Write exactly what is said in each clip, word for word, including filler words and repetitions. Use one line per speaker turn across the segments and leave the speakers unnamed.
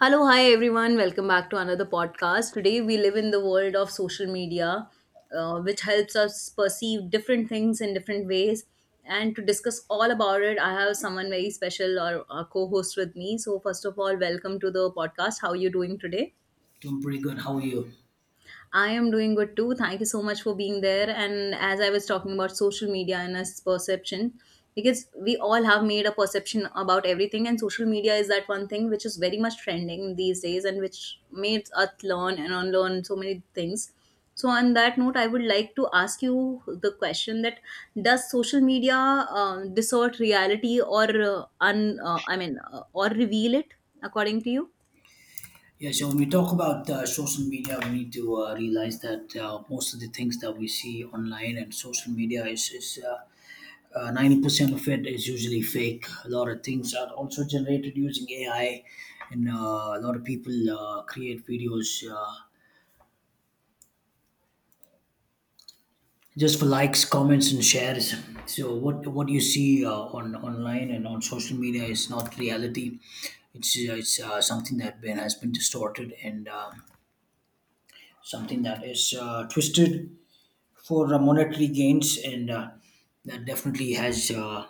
Hello, hi everyone. Welcome back to another podcast. Today we live in the world of social media, uh, which helps us perceive different things in different ways. And to discuss all about it, I have someone very special or a co-host with me. So first of all, welcome to the podcast. How are you doing today?
Doing pretty good. How are you?
I am doing good too. Thank you so much for being there. And as I was talking about social media and its perception, because we all have made a perception about everything, and social media is that one thing which is very much trending these days and which makes us learn and unlearn so many things. So, on that note, I would like to ask you the question that does social media um, distort reality or uh, un, uh, I mean, uh, or reveal it according to you?
Yeah, so When we talk about uh, social media, we need to uh, realize that uh, most of the things that we see online and social media is, is uh, uh, ninety percent of it is usually fake. A lot of things are also generated using A I, and uh, a lot of people uh, create videos uh, just for likes, comments, and shares. So what what you see uh, on online and on social media is not reality. It's uh, it's uh, something that been, has been distorted and. Uh, something that is uh, twisted for uh, monetary gains, and uh, that definitely has uh,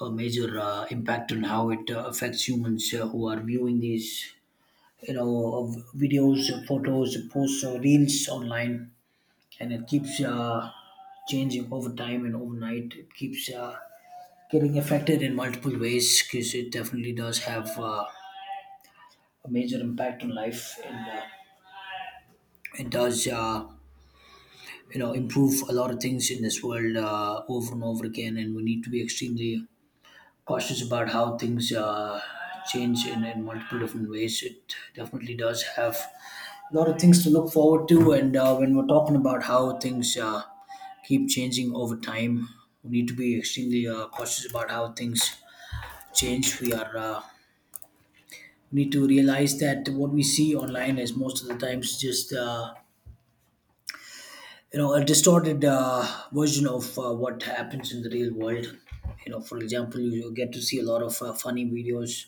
a major uh, impact on how it uh, affects humans uh, who are viewing these, you know, of videos, uh, photos, posts, or reels online, and it keeps uh, changing over time and overnight. It keeps uh, getting affected in multiple ways because it definitely does have uh, a major impact on life, and uh, it does. Uh, you know, improve a lot of things in this world uh, over and over again, and we need to be extremely cautious about how things uh, change in, in multiple different ways. It definitely does have a lot of things to look forward to. And uh, when we're talking about how things uh, keep changing over time, we need to be extremely uh, cautious about how things change. We are uh, we need to realize that what we see online is most of the times just uh, you know a distorted uh, version of uh, what happens in the real world. You know, for example, you, you get to see a lot of uh, funny videos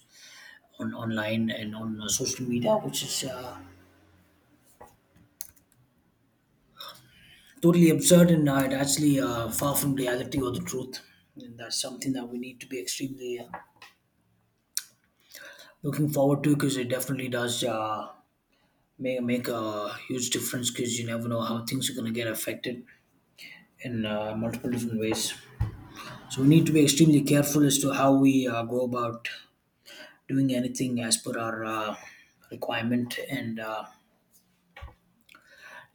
on online and on uh, social media, which is uh, totally absurd, and uh, it actually uh, far from reality or the truth. And that's something that we need to be extremely uh, looking forward to, because it definitely does uh, make, make a huge difference, because you never know how things are going to get affected in uh, multiple different ways. So we need to be extremely careful as to how we uh, go about doing anything as per our uh, requirement. And uh,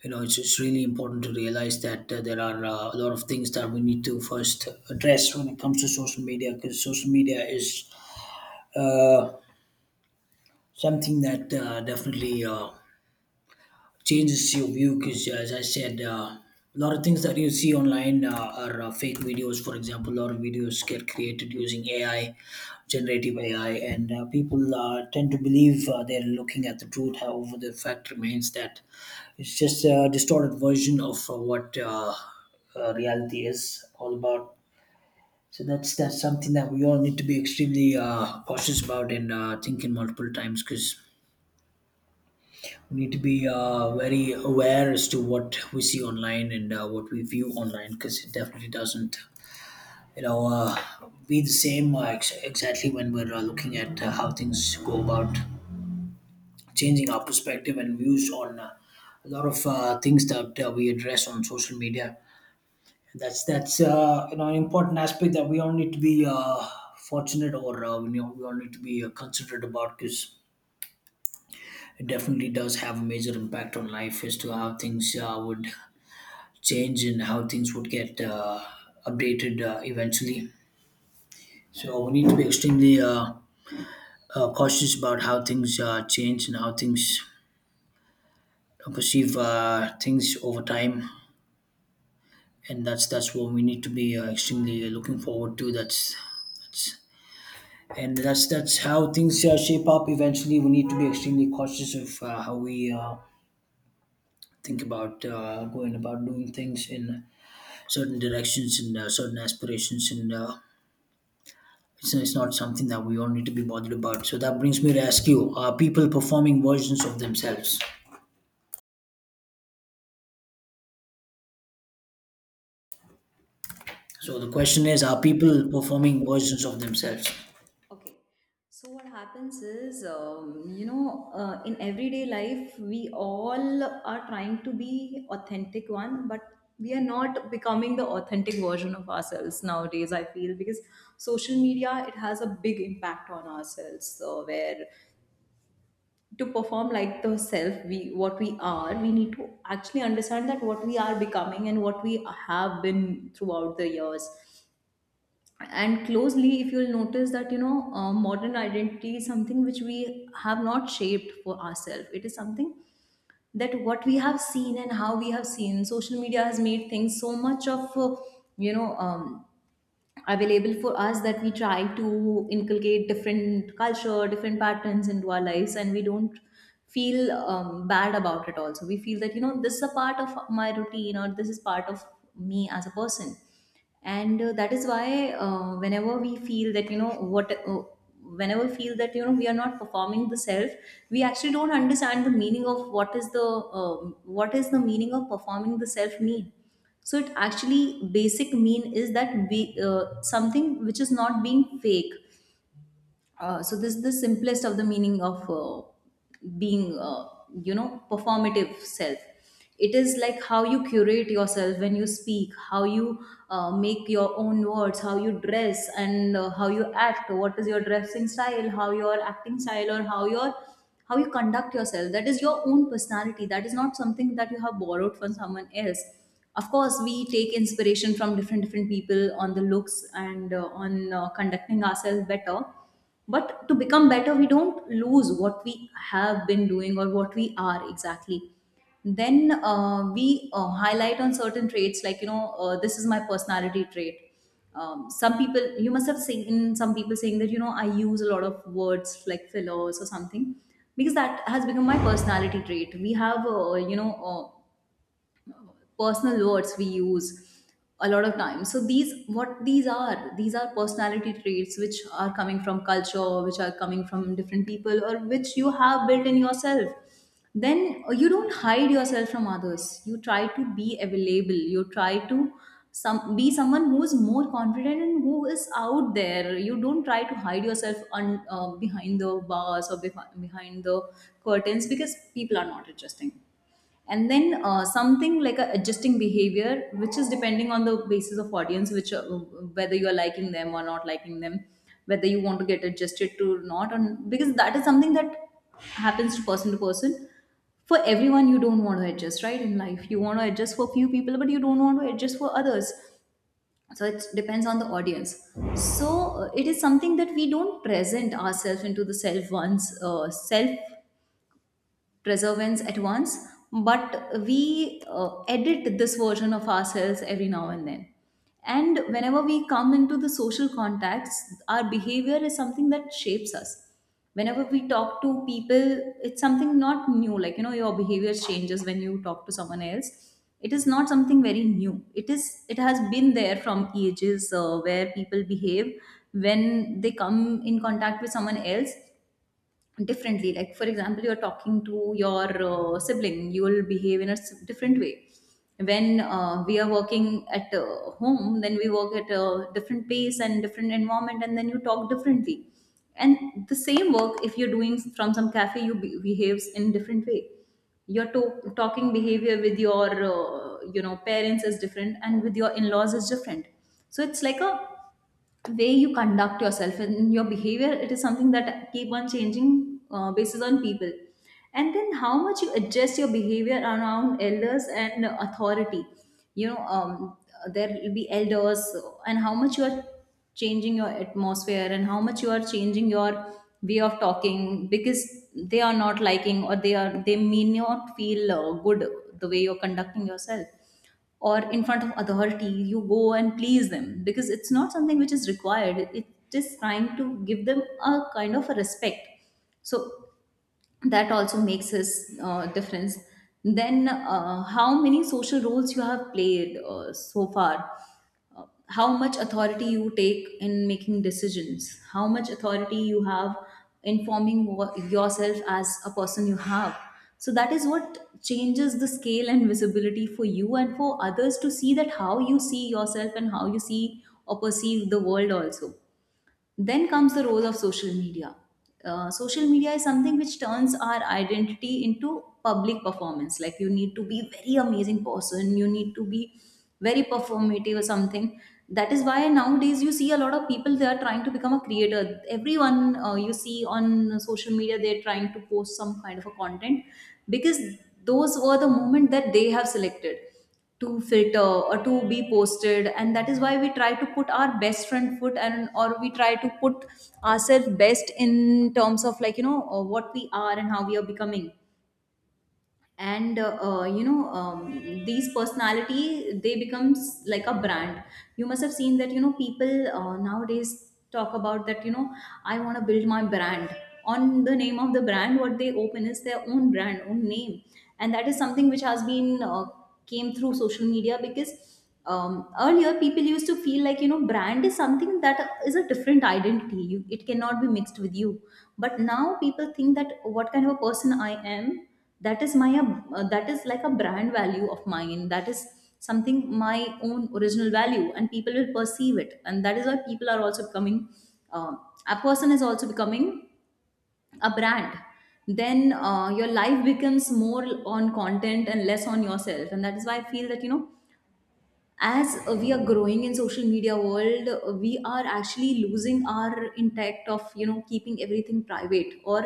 you know it's, it's really important to realize that uh, there are uh, a lot of things that we need to first address when it comes to social media, because social media is uh, something that uh, definitely uh, changes your view, because as I said, uh, a lot of things that you see online uh, are uh, fake videos. For example, a lot of videos get created using AI, generative AI, and uh, people uh, tend to believe uh, they're looking at the truth. However, the fact remains that it's just a distorted version of uh, what uh, uh, reality is all about. So that's that's something that we all need to be extremely uh, cautious about, and uh, thinking multiple times, because we need to be uh, very aware as to what we see online and uh, what we view online, because it definitely doesn't you know uh, be the same uh, ex- exactly when we're uh, looking at uh, how things go about changing our perspective and views on uh, a lot of uh, things that uh, we address on social media. that's that's uh, you know an important aspect that we all need to be uh, fortunate or uh, we, know, we all need to be uh, considerate about, because it definitely does have a major impact on life as to how things uh, would change, in how things would get uh, updated uh, eventually. So we need to be extremely uh, uh, cautious about how things uh, change and how things uh, perceive uh, things over time, and that's that's what we need to be uh, extremely looking forward to. That's And that's that's how things uh, shape up. Eventually, we need to be extremely cautious of uh, how we. Uh, think about uh, going about doing things in certain directions and uh, certain aspirations, and uh, It's, it's not something that we all need to be bothered about. So that brings me to ask you: are people performing versions of themselves? So the question is: are
Alright.
people performing
Yes.
versions of themselves?
Okay. So what happens is, um, you know, uh, in everyday life, we all are trying to be authentic one, but we are not becoming the authentic version of ourselves nowadays. I feel because social media, it has a big impact on ourselves. So where to perform like the self we what we are, we need to actually understand that what we are becoming and what we have been throughout the years. And closely, if you'll notice that, you know, uh, modern identity is something which we have not shaped for ourselves. It is something that what we have seen and how we have seen, social media has made things so much of uh, you know um, available for us that we try to inculcate different culture, different patterns into our lives, and we don't feel um, bad about it. Also, we feel that, you know, this is a part of my routine, or this is part of me as a person. And uh, that is why, uh, whenever we feel that you know what uh, whenever we feel that, you know, we are not performing the self, we actually don't understand the meaning of what is the um what is the meaning of performing the self mean. So it actually basic mean is that we, uh, something which is not being fake. Uh, so this the simplest of the meaning of uh, being uh, you know performative self. It is like how you curate yourself, when you speak, how you uh, make your own words, how you dress and uh, how you act, what is your dressing style, how your acting style, or how your how you conduct yourself. That is your own personality. That is not something that you have borrowed from someone else. Of course, we take inspiration from different different people on the looks and uh, on uh, conducting ourselves better. But to become better, we don't lose what we have been doing or what we are exactly. Then uh, we uh, highlight on certain traits, like, you know, uh, this is my personality trait. Um, some people, you must have seen, some people saying that, you know, I use a lot of words like fillers or something, because that has become my personality trait. We have, uh, you know uh, personal words we use a lot of times. So these what these are, these are personality traits which are coming from culture, which are coming from different people, or which you have built in yourself. Then uh, you don't hide yourself from others. You try to be available, you try to some be someone who is more confident and who is out there. You don't try to hide yourself on uh, behind the bars, or behi- behind the curtains, because people are not adjusting. And then uh, something like a adjusting behavior, which is depending on the basis of audience, which uh, whether you are liking them or not liking them, whether you want to get adjusted to or not, and because that is something that happens to person to person, for everyone. You don't want to adjust right in life. You want to adjust for few people, but you don't want to adjust for others. So it depends on the audience. So uh, it is something that we don't present ourselves into the self once, uh, self preservance at once, but we uh, edit this version of ourselves every now and then. And whenever we come into the social contacts, our behavior is something that shapes us. Whenever we talk to people, it's something not new. Like, you know, your behavior changes when you talk to someone else. It is not something very new. It is, it has been there from ages, uh, where people behave when they come in contact with someone else differently. Like, for example, you're talking to your uh, sibling, you will behave in a s- different way. When uh, we are working at uh, home, then we work at a different pace and different environment, and then you talk differently. And the same work, if you're doing from some cafe, you be- behaves in different way. Your to- talking behavior with your, uh, you know parents is different, and with your in-laws is different. So it's like a way you conduct yourself, and your behavior, it is something that keep on changing uh, basis on people. And then how much you adjust your behavior around elders and authority, you know um, there will be elders, and how much you are changing your atmosphere and how much you are changing your way of talking, because they are not liking, or they are they may not feel uh, good the way you're conducting yourself. Or in front of authority, you go and please them, because it's not something which is required. It is trying to give them a kind of a respect. So that also makes us uh, difference. Then uh, how many social roles you have played uh, so far, uh, how much authority you take in making decisions, how much authority you have in forming wha- yourself as a person you have. So that is what changes the scale and visibility for you and for others to see that how you see yourself and how you see or perceive the world also. Then comes the role of social media. Uh, social media is something which turns our identity into public performance. Like, you need to be very amazing person, you need to be very performative or something. That is why nowadays you see a lot of people, they are trying to become a creator. Everyone, uh, you see on social media, they're trying to post some kind of a content, because those were the moment that they have selected to filter or to be posted. And that is why we try to put our best front foot, and or we try to put ourselves best in terms of, like, you know, uh, what we are and how we are becoming. And uh, uh, you know um, these personality, they becomes like a brand. You must have seen that, you know, people uh, nowadays talk about that, you know, I want to build my brand. On the name of the brand what they open is their own brand own name. And that is something which has been uh, came through social media. Because um, earlier people used to feel like, you know, brand is something that is a different identity. You, it cannot be mixed with you. But now people think that what kind of a person I am, that is my, uh, that is like a brand value of mine, that is something my own original value, and people will perceive it. And that is why people are also becoming, uh, a person is also becoming a brand. Then uh, your life becomes more on content and less on yourself. And that is why I feel that, you know, as uh, we are growing in social media world, uh, we are actually losing our intact of, you know, keeping everything private, or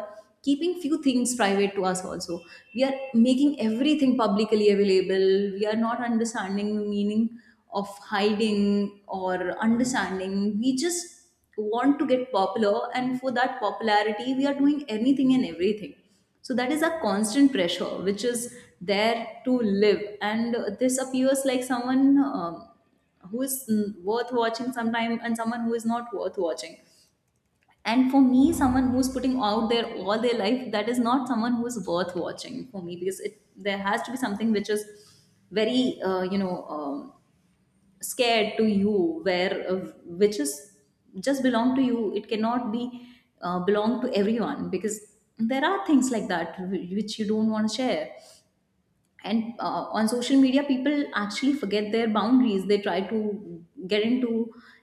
keeping few things private to us also. We are making everything publicly available. We are not understanding the meaning of hiding or understanding. We just want to get popular, and for that popularity we are doing anything and everything. So that is a constant pressure which is there to live. And this appears like someone um, who is mm, worth watching sometime, and someone who is not worth watching. And for me, someone who's putting out there all their life, that is not someone who is worth watching for me because it there has to be something which is very uh, you know um, scared to you where uh, which is just belong to you, it cannot be uh, belong to everyone because there are things like that wh- which you don't want to share. And uh, on social media people actually forget their boundaries, they try to get into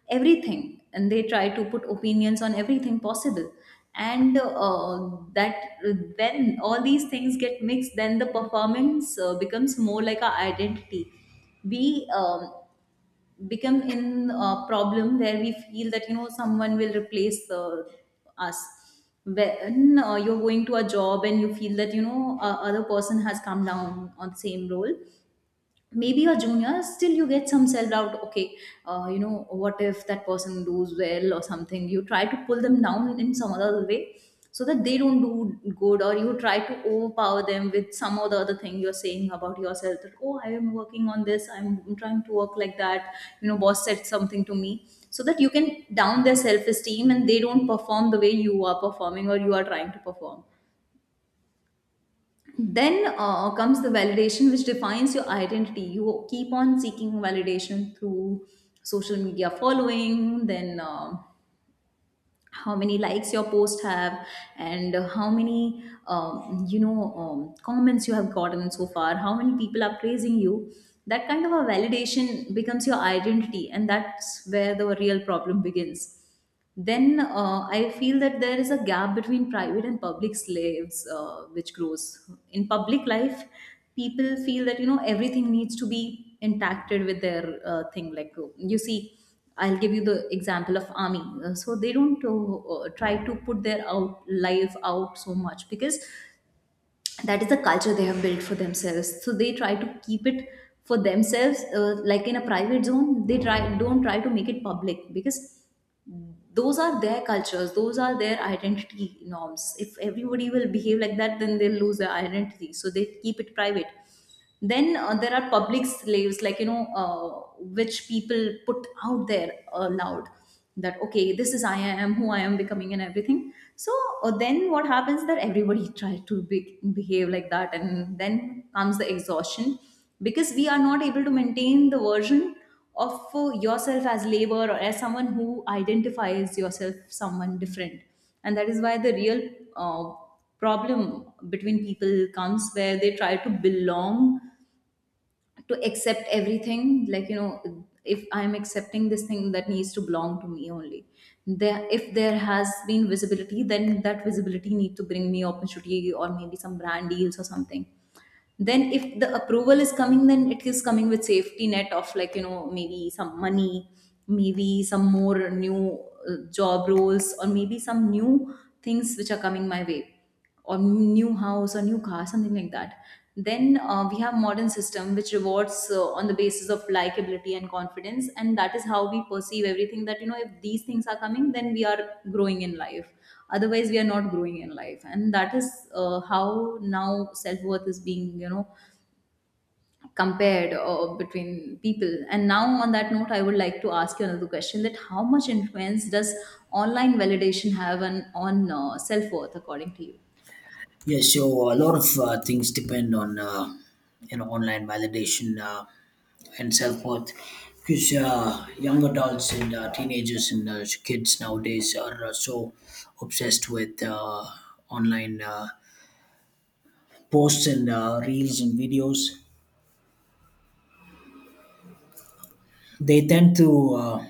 everything and they try to put opinions on everything possible. And uh, that when all these things get mixed, then the performance uh, becomes more like our identity. We um, become in a problem where we feel that, you know, someone will replace uh, us. When uh, you're going to a job and you feel that, you know, a other person has come down on the same role, maybe a junior, still you get some self doubt. Okay, uh, you know, what if that person does well or something, you try to pull them down in some other way so that they don't do good, or you try to overpower them with some or the other thing you're saying about yourself, that oh, I am working on this, I'm trying to work like that, you know, boss said something to me, so that you can down their self esteem and they don't perform the way you are performing or you are trying to perform. Then uh, comes the validation which defines your identity. You keep on seeking validation through social media following. Then uh, how many likes your post have, and how many um, you know um, comments you have gotten so far, how many people are praising you. That kind of a validation becomes your identity, and that's where the real problem begins. Then uh, I feel that there is a gap between private and public slaves, uh, which grows in public life. People feel that, you know, everything needs to be interacted with their uh, thing. Like, uh, you see, I'll give you the example of army. Uh, so they don't uh, uh, try to put their out life out so much because that is the culture they have built for themselves. So they try to keep it for themselves, uh, like in a private zone. They try don't try to make it public because those are their cultures, those are their identity norms. If everybody will behave like that, then they'll lose their identity, so they keep it private. Then uh, there are public slaves, like, you know, uh, which people put out there aloud, that okay, this is I am who I am becoming and everything. So uh, then what happens that everybody tries to be- behave like that, and then comes the exhaustion because we are not able to maintain the version of uh, yourself as labor or as someone who identifies yourself someone different. And that is why the real uh, problem between people comes, where they try to belong to accept everything, like, you know, if I'm accepting this thing, that needs to belong to me only. There, if there has been visibility, then that visibility need to bring me opportunity or maybe some brand deals or something. Then if the approval is coming, then it is coming with safety net of, like, you know, maybe some money, maybe some more new uh, job roles, or maybe some new things which are coming my way, or new house or new car, something like that. Then uh, we have modern system which rewards uh, on the basis of likability and confidence, and that is how we perceive everything, that, you know, if these things are coming, then we are growing in life. Otherwise we are not growing in life, and that is uh, how now self-worth is being, you know, compared uh, between people. And now on that note, I would like to ask you another question: that how much influence does online validation have on, on uh, self-worth, according to you?
Yes. So a lot of uh, things depend on uh, you know online validation uh, and self worth. Because uh, young adults and uh, teenagers and uh, kids nowadays are uh, so obsessed with uh, online uh, posts and uh, reels and videos, they tend to uh,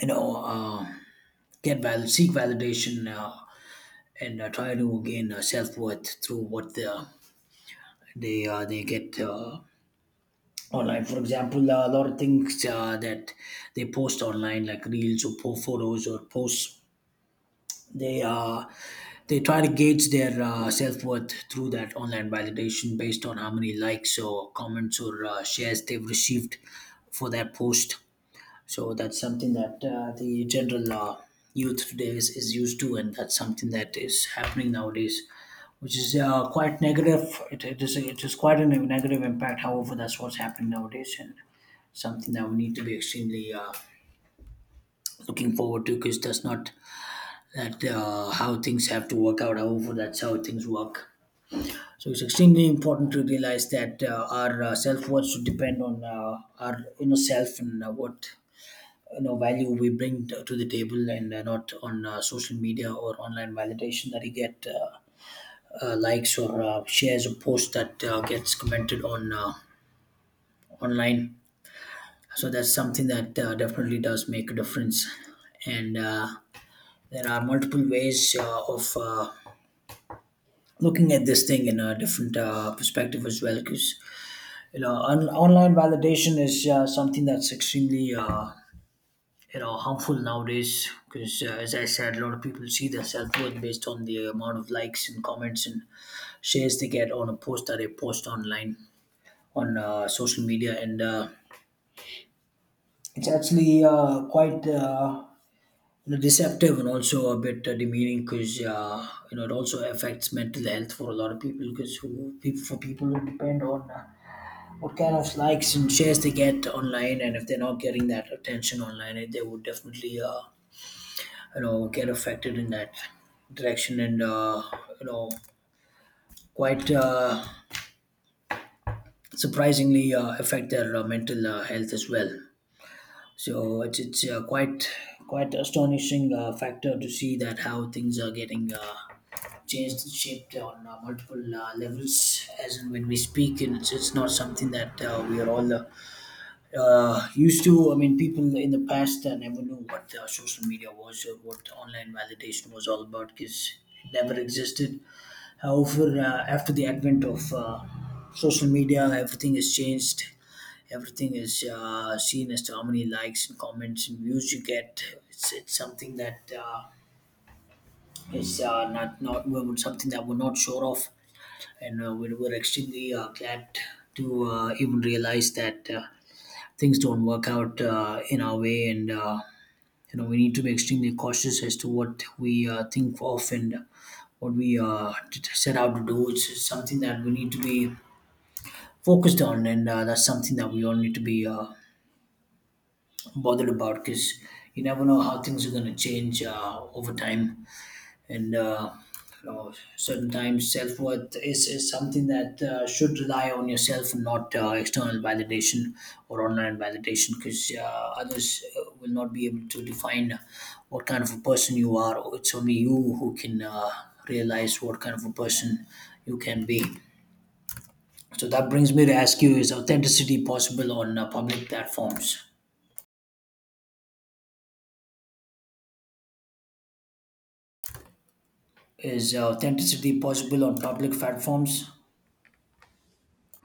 you know uh, get val- seek validation uh, and uh, try to gain uh, self worth through what they uh, they, uh, they get uh, online. For example, uh, a lot of things uh, that they post online, like reels or po- photos or posts, they uh, they try to gauge their uh, self worth through that online validation based on how many likes or comments or uh, shares they've received for that post. So that's something that uh, the general uh, youth today is, is used to, and that's something that is happening nowadays, which is uh, quite negative. It, it is it is quite a negative impact. However, that's what's happening nowadays, and something that we need to be extremely uh, looking forward to, because that's not that uh, how things have to work out. However, that's how things work. So it's extremely important to realize that uh, our uh, self worth should depend on uh, our inner self and uh, what you know value we bring to, to the table, and uh, not on uh, social media or online validation, that you get uh, uh, likes or uh, shares or posts that uh, gets commented on uh, online. So that's something that uh, definitely does make a difference. And uh, there are multiple ways uh, of uh, looking at this thing in a different uh, perspective as well, because you know on- online validation is uh, something that's extremely uh, you know harmful nowadays, because uh, as I said, a lot of people see their self-worth based on the amount of likes and comments and shares they get on a post that they post online on uh, social media. And uh, it's actually uh, quite uh, you know, deceptive and also a bit uh, demeaning, because uh, you know it also affects mental health for a lot of people, because people, for people who depend on uh, what kind of likes and shares they get online, and if they're not getting that attention online, eh, they would definitely uh, you know get affected in that direction, and uh, you know quite uh, surprisingly uh, affect their uh, mental uh, health as well. So it's, it's uh, quite quite astonishing uh, factor to see that how things are getting uh, changed and shaped on uh, multiple uh, levels as and when we speak. And it's, it's not something that uh, we are all uh, uh, used to. I mean, people in the past uh, never knew what uh, social media was or what online validation was all about, because it never existed. However, uh, after the advent of uh, social media, everything has changed. Everything is uh, seen as to how many likes and comments and views you get. It's, it's something that uh, is uh, not not something that we're not sure of. And uh, we were extremely uh, glad to uh, even realize that uh, things don't work out uh, in our way. And uh, you know we need to be extremely cautious as to what we uh, think of and what we uh, t- set out to do. It's something that we need to be focused on, and uh, that's something that we all need to be uh, bothered about, because you never know how things are going to change uh, over time. And uh, you know, certain times, self worth is, is something that uh, should rely on yourself and not uh, external validation or online validation, because uh, others uh, will not be able to define what kind of a person you are. It's only you who can uh, realize what kind of a person you can be. So that brings me to ask you: is authenticity possible on uh, public platforms? Is uh, authenticity possible on public platforms?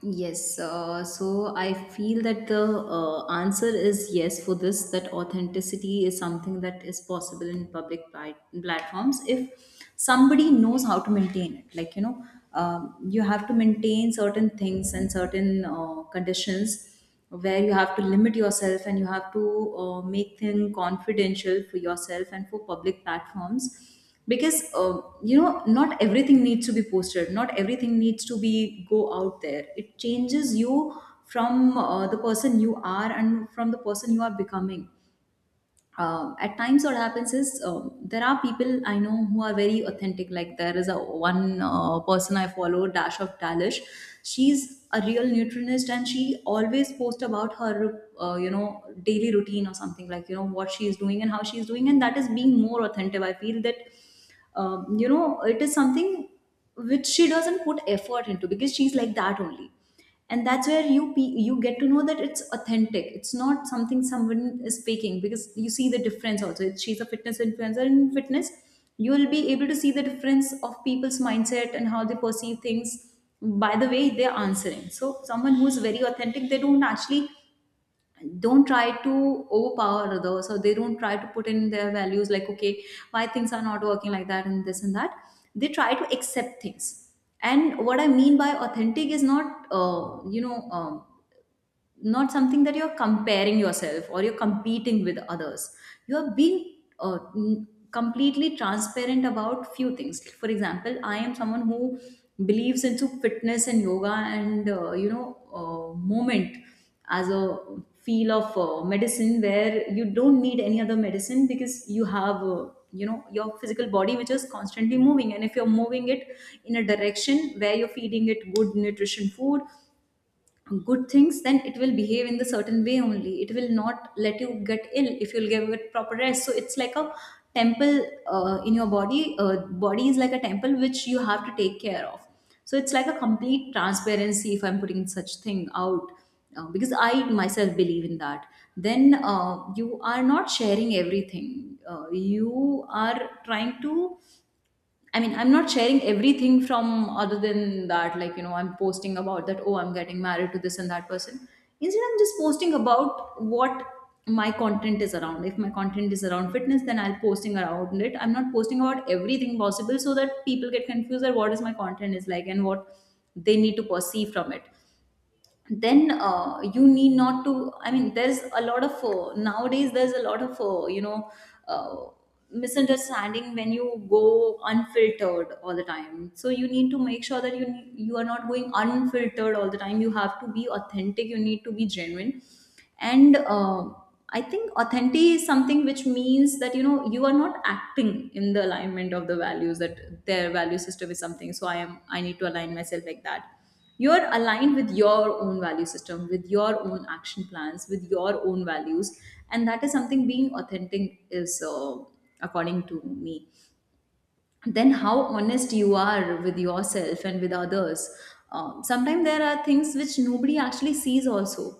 Yes, uh, so I feel that the uh, answer is yes for this, that authenticity is something that is possible in public pli- platforms if somebody knows how to maintain it. Like, you know, um, you have to maintain certain things and certain uh, conditions where you have to limit yourself, and you have to uh, make things confidential for yourself and for public platforms because, uh, you know, not everything needs to be posted, not everything needs to be go out there. It changes you from uh, the person you are and from the person you are becoming. Um, at times what happens is, um, there are people I know who are very authentic. Like there is a one uh, person I follow, Dash of Dalish. She's a real nutritionist, and she always posts about her, uh, you know, daily routine or something, like, you know, what she is doing and how she is doing, and that is being more authentic. I feel that, um, you know, it is something which she doesn't put effort into because she's like that only, and that's where you pe- you get to know that it's authentic, it's not something someone is faking, because you see the difference also. If she's a fitness influencer in fitness, you will be able to see the difference of people's mindset and how they perceive things by the way they're answering. So someone who's very authentic, they don't actually don't try to overpower others. So they don't try to put in their values, like, okay, why things are not working like that and this and that. They try to accept things. And what I mean by authentic is not, uh, you know um, not something that you're comparing yourself or you're competing with others. You're being uh, n- completely transparent about few things. For example, I am someone who believes into fitness and yoga and, uh, you know uh, movement as a feel of uh, medicine, where you don't need any other medicine because you have, uh, you know, your physical body which is constantly moving, and if you're moving it in a direction where you're feeding it good nutrition food, good things, then it will behave in the certain way only. It will not let you get ill if you'll give it proper rest. So it's like a temple uh, in your body uh, Body is like a temple which you have to take care of. So it's like a complete transparency if I'm putting such thing out, uh, because I myself believe in that. Then uh, you are not sharing everything, uh, you are trying to, I mean, I'm not sharing everything from other than that, like, you know, I'm posting about that, oh, I'm getting married to this and that person. Instead, I'm just posting about what my content is around. If my content is around fitness, then I'll posting around it. I'm not posting about everything possible, so that people get confused that what is my content is like and what they need to perceive from it. Then uh, you need not to, I mean, there's a lot of, uh, nowadays there's a lot of, uh, you know uh, misunderstanding when you go unfiltered all the time. So you need to make sure that you you are not going unfiltered all the time. You have to be authentic, you need to be genuine. And uh, I think authentic is something which means that, you know, you are not acting in the alignment of the values, that their value system is something, so I am, I need to align myself like that. You're aligned with your own value system, with your own action plans, with your own values. And that is something being authentic is, uh, according to me. Then how honest you are with yourself and with others. Um, sometimes there are things which nobody actually sees, also.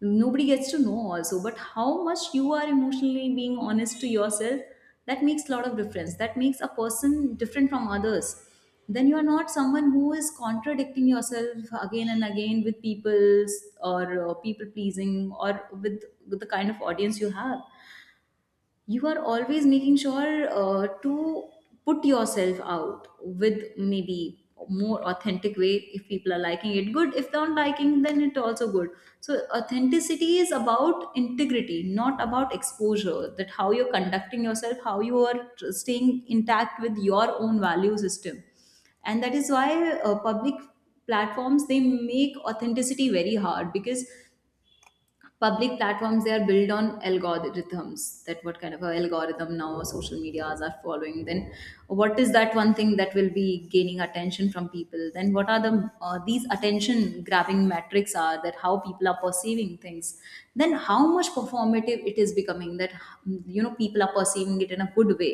Nobody gets to know, also. But how much you are emotionally being honest to yourself, that makes a lot of difference. That makes a person different from others. Then you are not someone who is contradicting yourself again and again with people's, or uh, people pleasing, or with, with the kind of audience you have. You are always making sure uh, to put yourself out with maybe more authentic way. If people are liking it, good; if they aren't liking, then it also good. So authenticity is about integrity, not about exposure, that how you're conducting yourself, how you are staying intact with your own value system. And that is why uh, public platforms, they make authenticity very hard because public platforms, they are built on algorithms, that what kind of a algorithm now social medias are following, then what is that one thing that will be gaining attention from people, then what are the uh, these attention grabbing metrics are, that how people are perceiving things, then how much performative it is becoming, that, you know, people are perceiving it in a good way.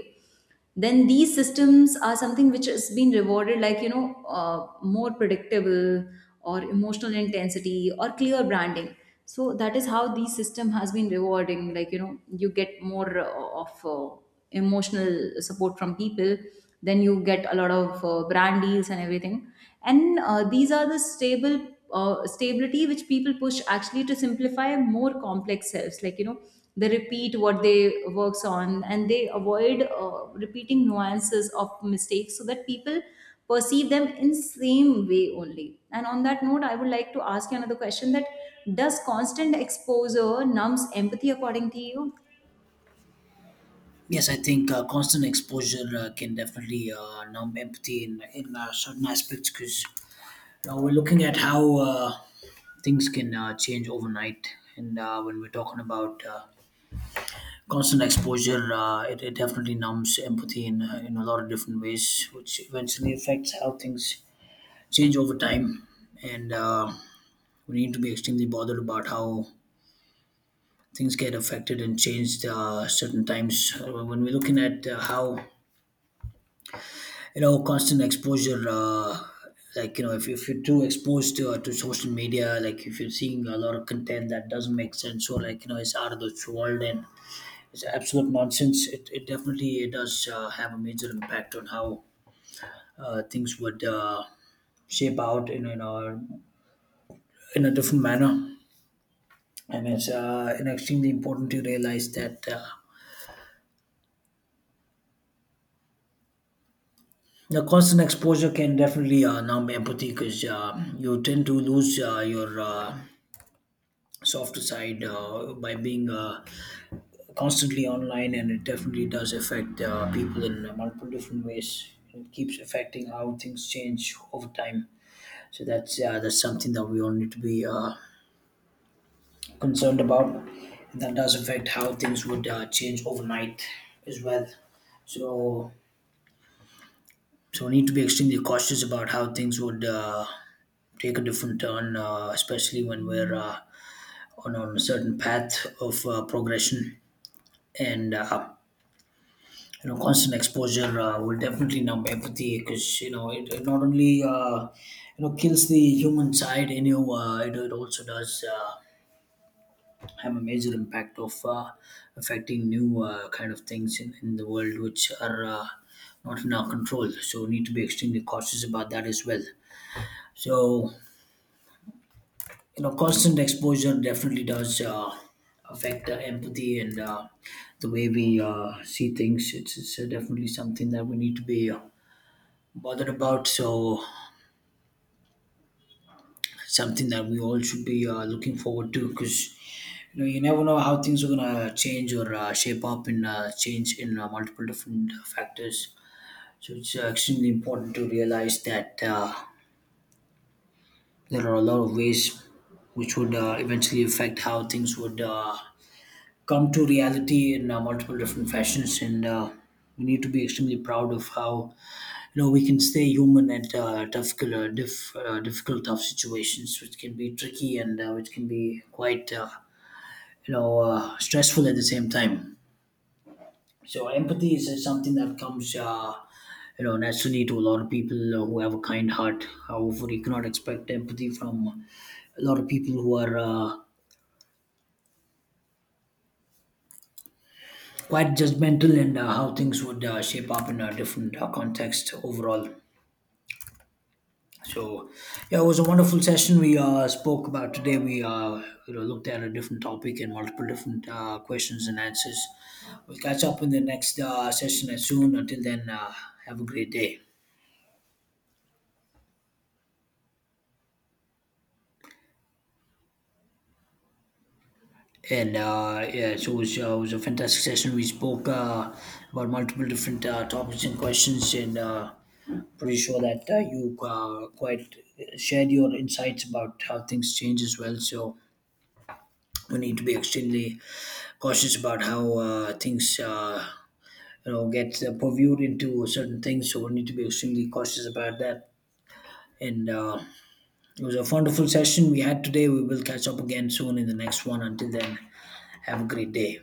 Then these systems are something which has been rewarded, like, you know, uh, more predictable or emotional intensity or clear branding. So that is how these system has been rewarding, like, you know, you get more uh, of uh, emotional support from people. Then you get a lot of uh, brand deals and everything. And uh, these are the stable uh, stability which people push actually to simplify more complex selves, like, you know, they repeat what they works on, and they avoid uh, repeating nuances of mistakes, so that people perceive them in same way only. And on that note, I would like to ask you another question: that does constant exposure numbs empathy, according to you?
Yes, I think uh, constant exposure uh, can definitely uh, numb empathy in, in uh, certain aspects, because you know, we're looking at how uh, things can uh, change overnight. And uh, when we're talking about uh, constant exposure, uh, it, it definitely numbs empathy in, uh, in a lot of different ways, which eventually affects how things change over time. And uh, we need to be extremely bothered about how things get affected and changed uh, certain times. Uh, when we're looking at uh, how you know constant exposure uh, like you know if, if you're too exposed to, uh, to social media, like if you're seeing a lot of content that doesn't make sense, so like you know it's out of this world and it's absolute nonsense. It, it definitely it does uh, have a major impact on how uh, things would uh, shape out in in a, in a different manner. And it's uh, and extremely important to realize that uh, the constant exposure can definitely uh, numb empathy, because uh, you tend to lose uh, your uh, soft side uh, by being uh, constantly online, and it definitely does affect uh, people in multiple different ways. It keeps affecting how things change over time. So that's uh, that's something that we all need to be uh, concerned about, and that does affect how things would uh, change overnight as well. So so we need to be extremely cautious about how things would uh, take a different turn, uh, especially when we're uh, on, on a certain path of uh, progression. And uh, you know constant exposure uh, will definitely numb empathy, because you know it, it not only uh, you know kills the human side in you, uh, it, it also does uh, have a major impact of uh, affecting new uh, kind of things in, in the world which are uh, not in our control. So we need to be extremely cautious about that as well. So you know constant exposure definitely does uh, affect uh, empathy, and uh, the way we uh, see things. It's, it's uh, definitely something that we need to be uh, bothered about, so something that we all should be uh, looking forward to, because you know you never know how things are going to change or uh, shape up and uh, change in uh, multiple different factors. So it's uh, extremely important to realize that uh, there are a lot of ways which would uh, eventually affect how things would uh, come to reality in uh, multiple different fashions. And uh, we need to be extremely proud of how you know we can stay human at uh, difficult, uh, diff, uh, difficult, tough situations which can be tricky and uh, which can be quite uh, you know uh, stressful at the same time. So empathy is something that comes uh, you know naturally to a lot of people who have a kind heart. However, you cannot expect empathy from a lot of people who are uh, quite judgmental, and uh, how things would uh, shape up in a different uh, context overall. So, yeah, it was a wonderful session we uh, spoke about today. We uh, you know, looked at a different topic and multiple different uh, questions and answers. We'll catch up in the next uh, session as soon. Until then, uh, have a great day. And uh, Yeah, so it was, uh, it was a fantastic session. We spoke uh, about multiple different uh, topics and questions, and uh, pretty sure that uh, you uh, quite shared your insights about how things change as well. So we need to be extremely cautious about how uh, things uh, you know get uh, purviewed into certain things. So we need to be extremely cautious about that. And uh, it was a wonderful session we had today. We will catch up again soon in the next one. Until then, have a great day.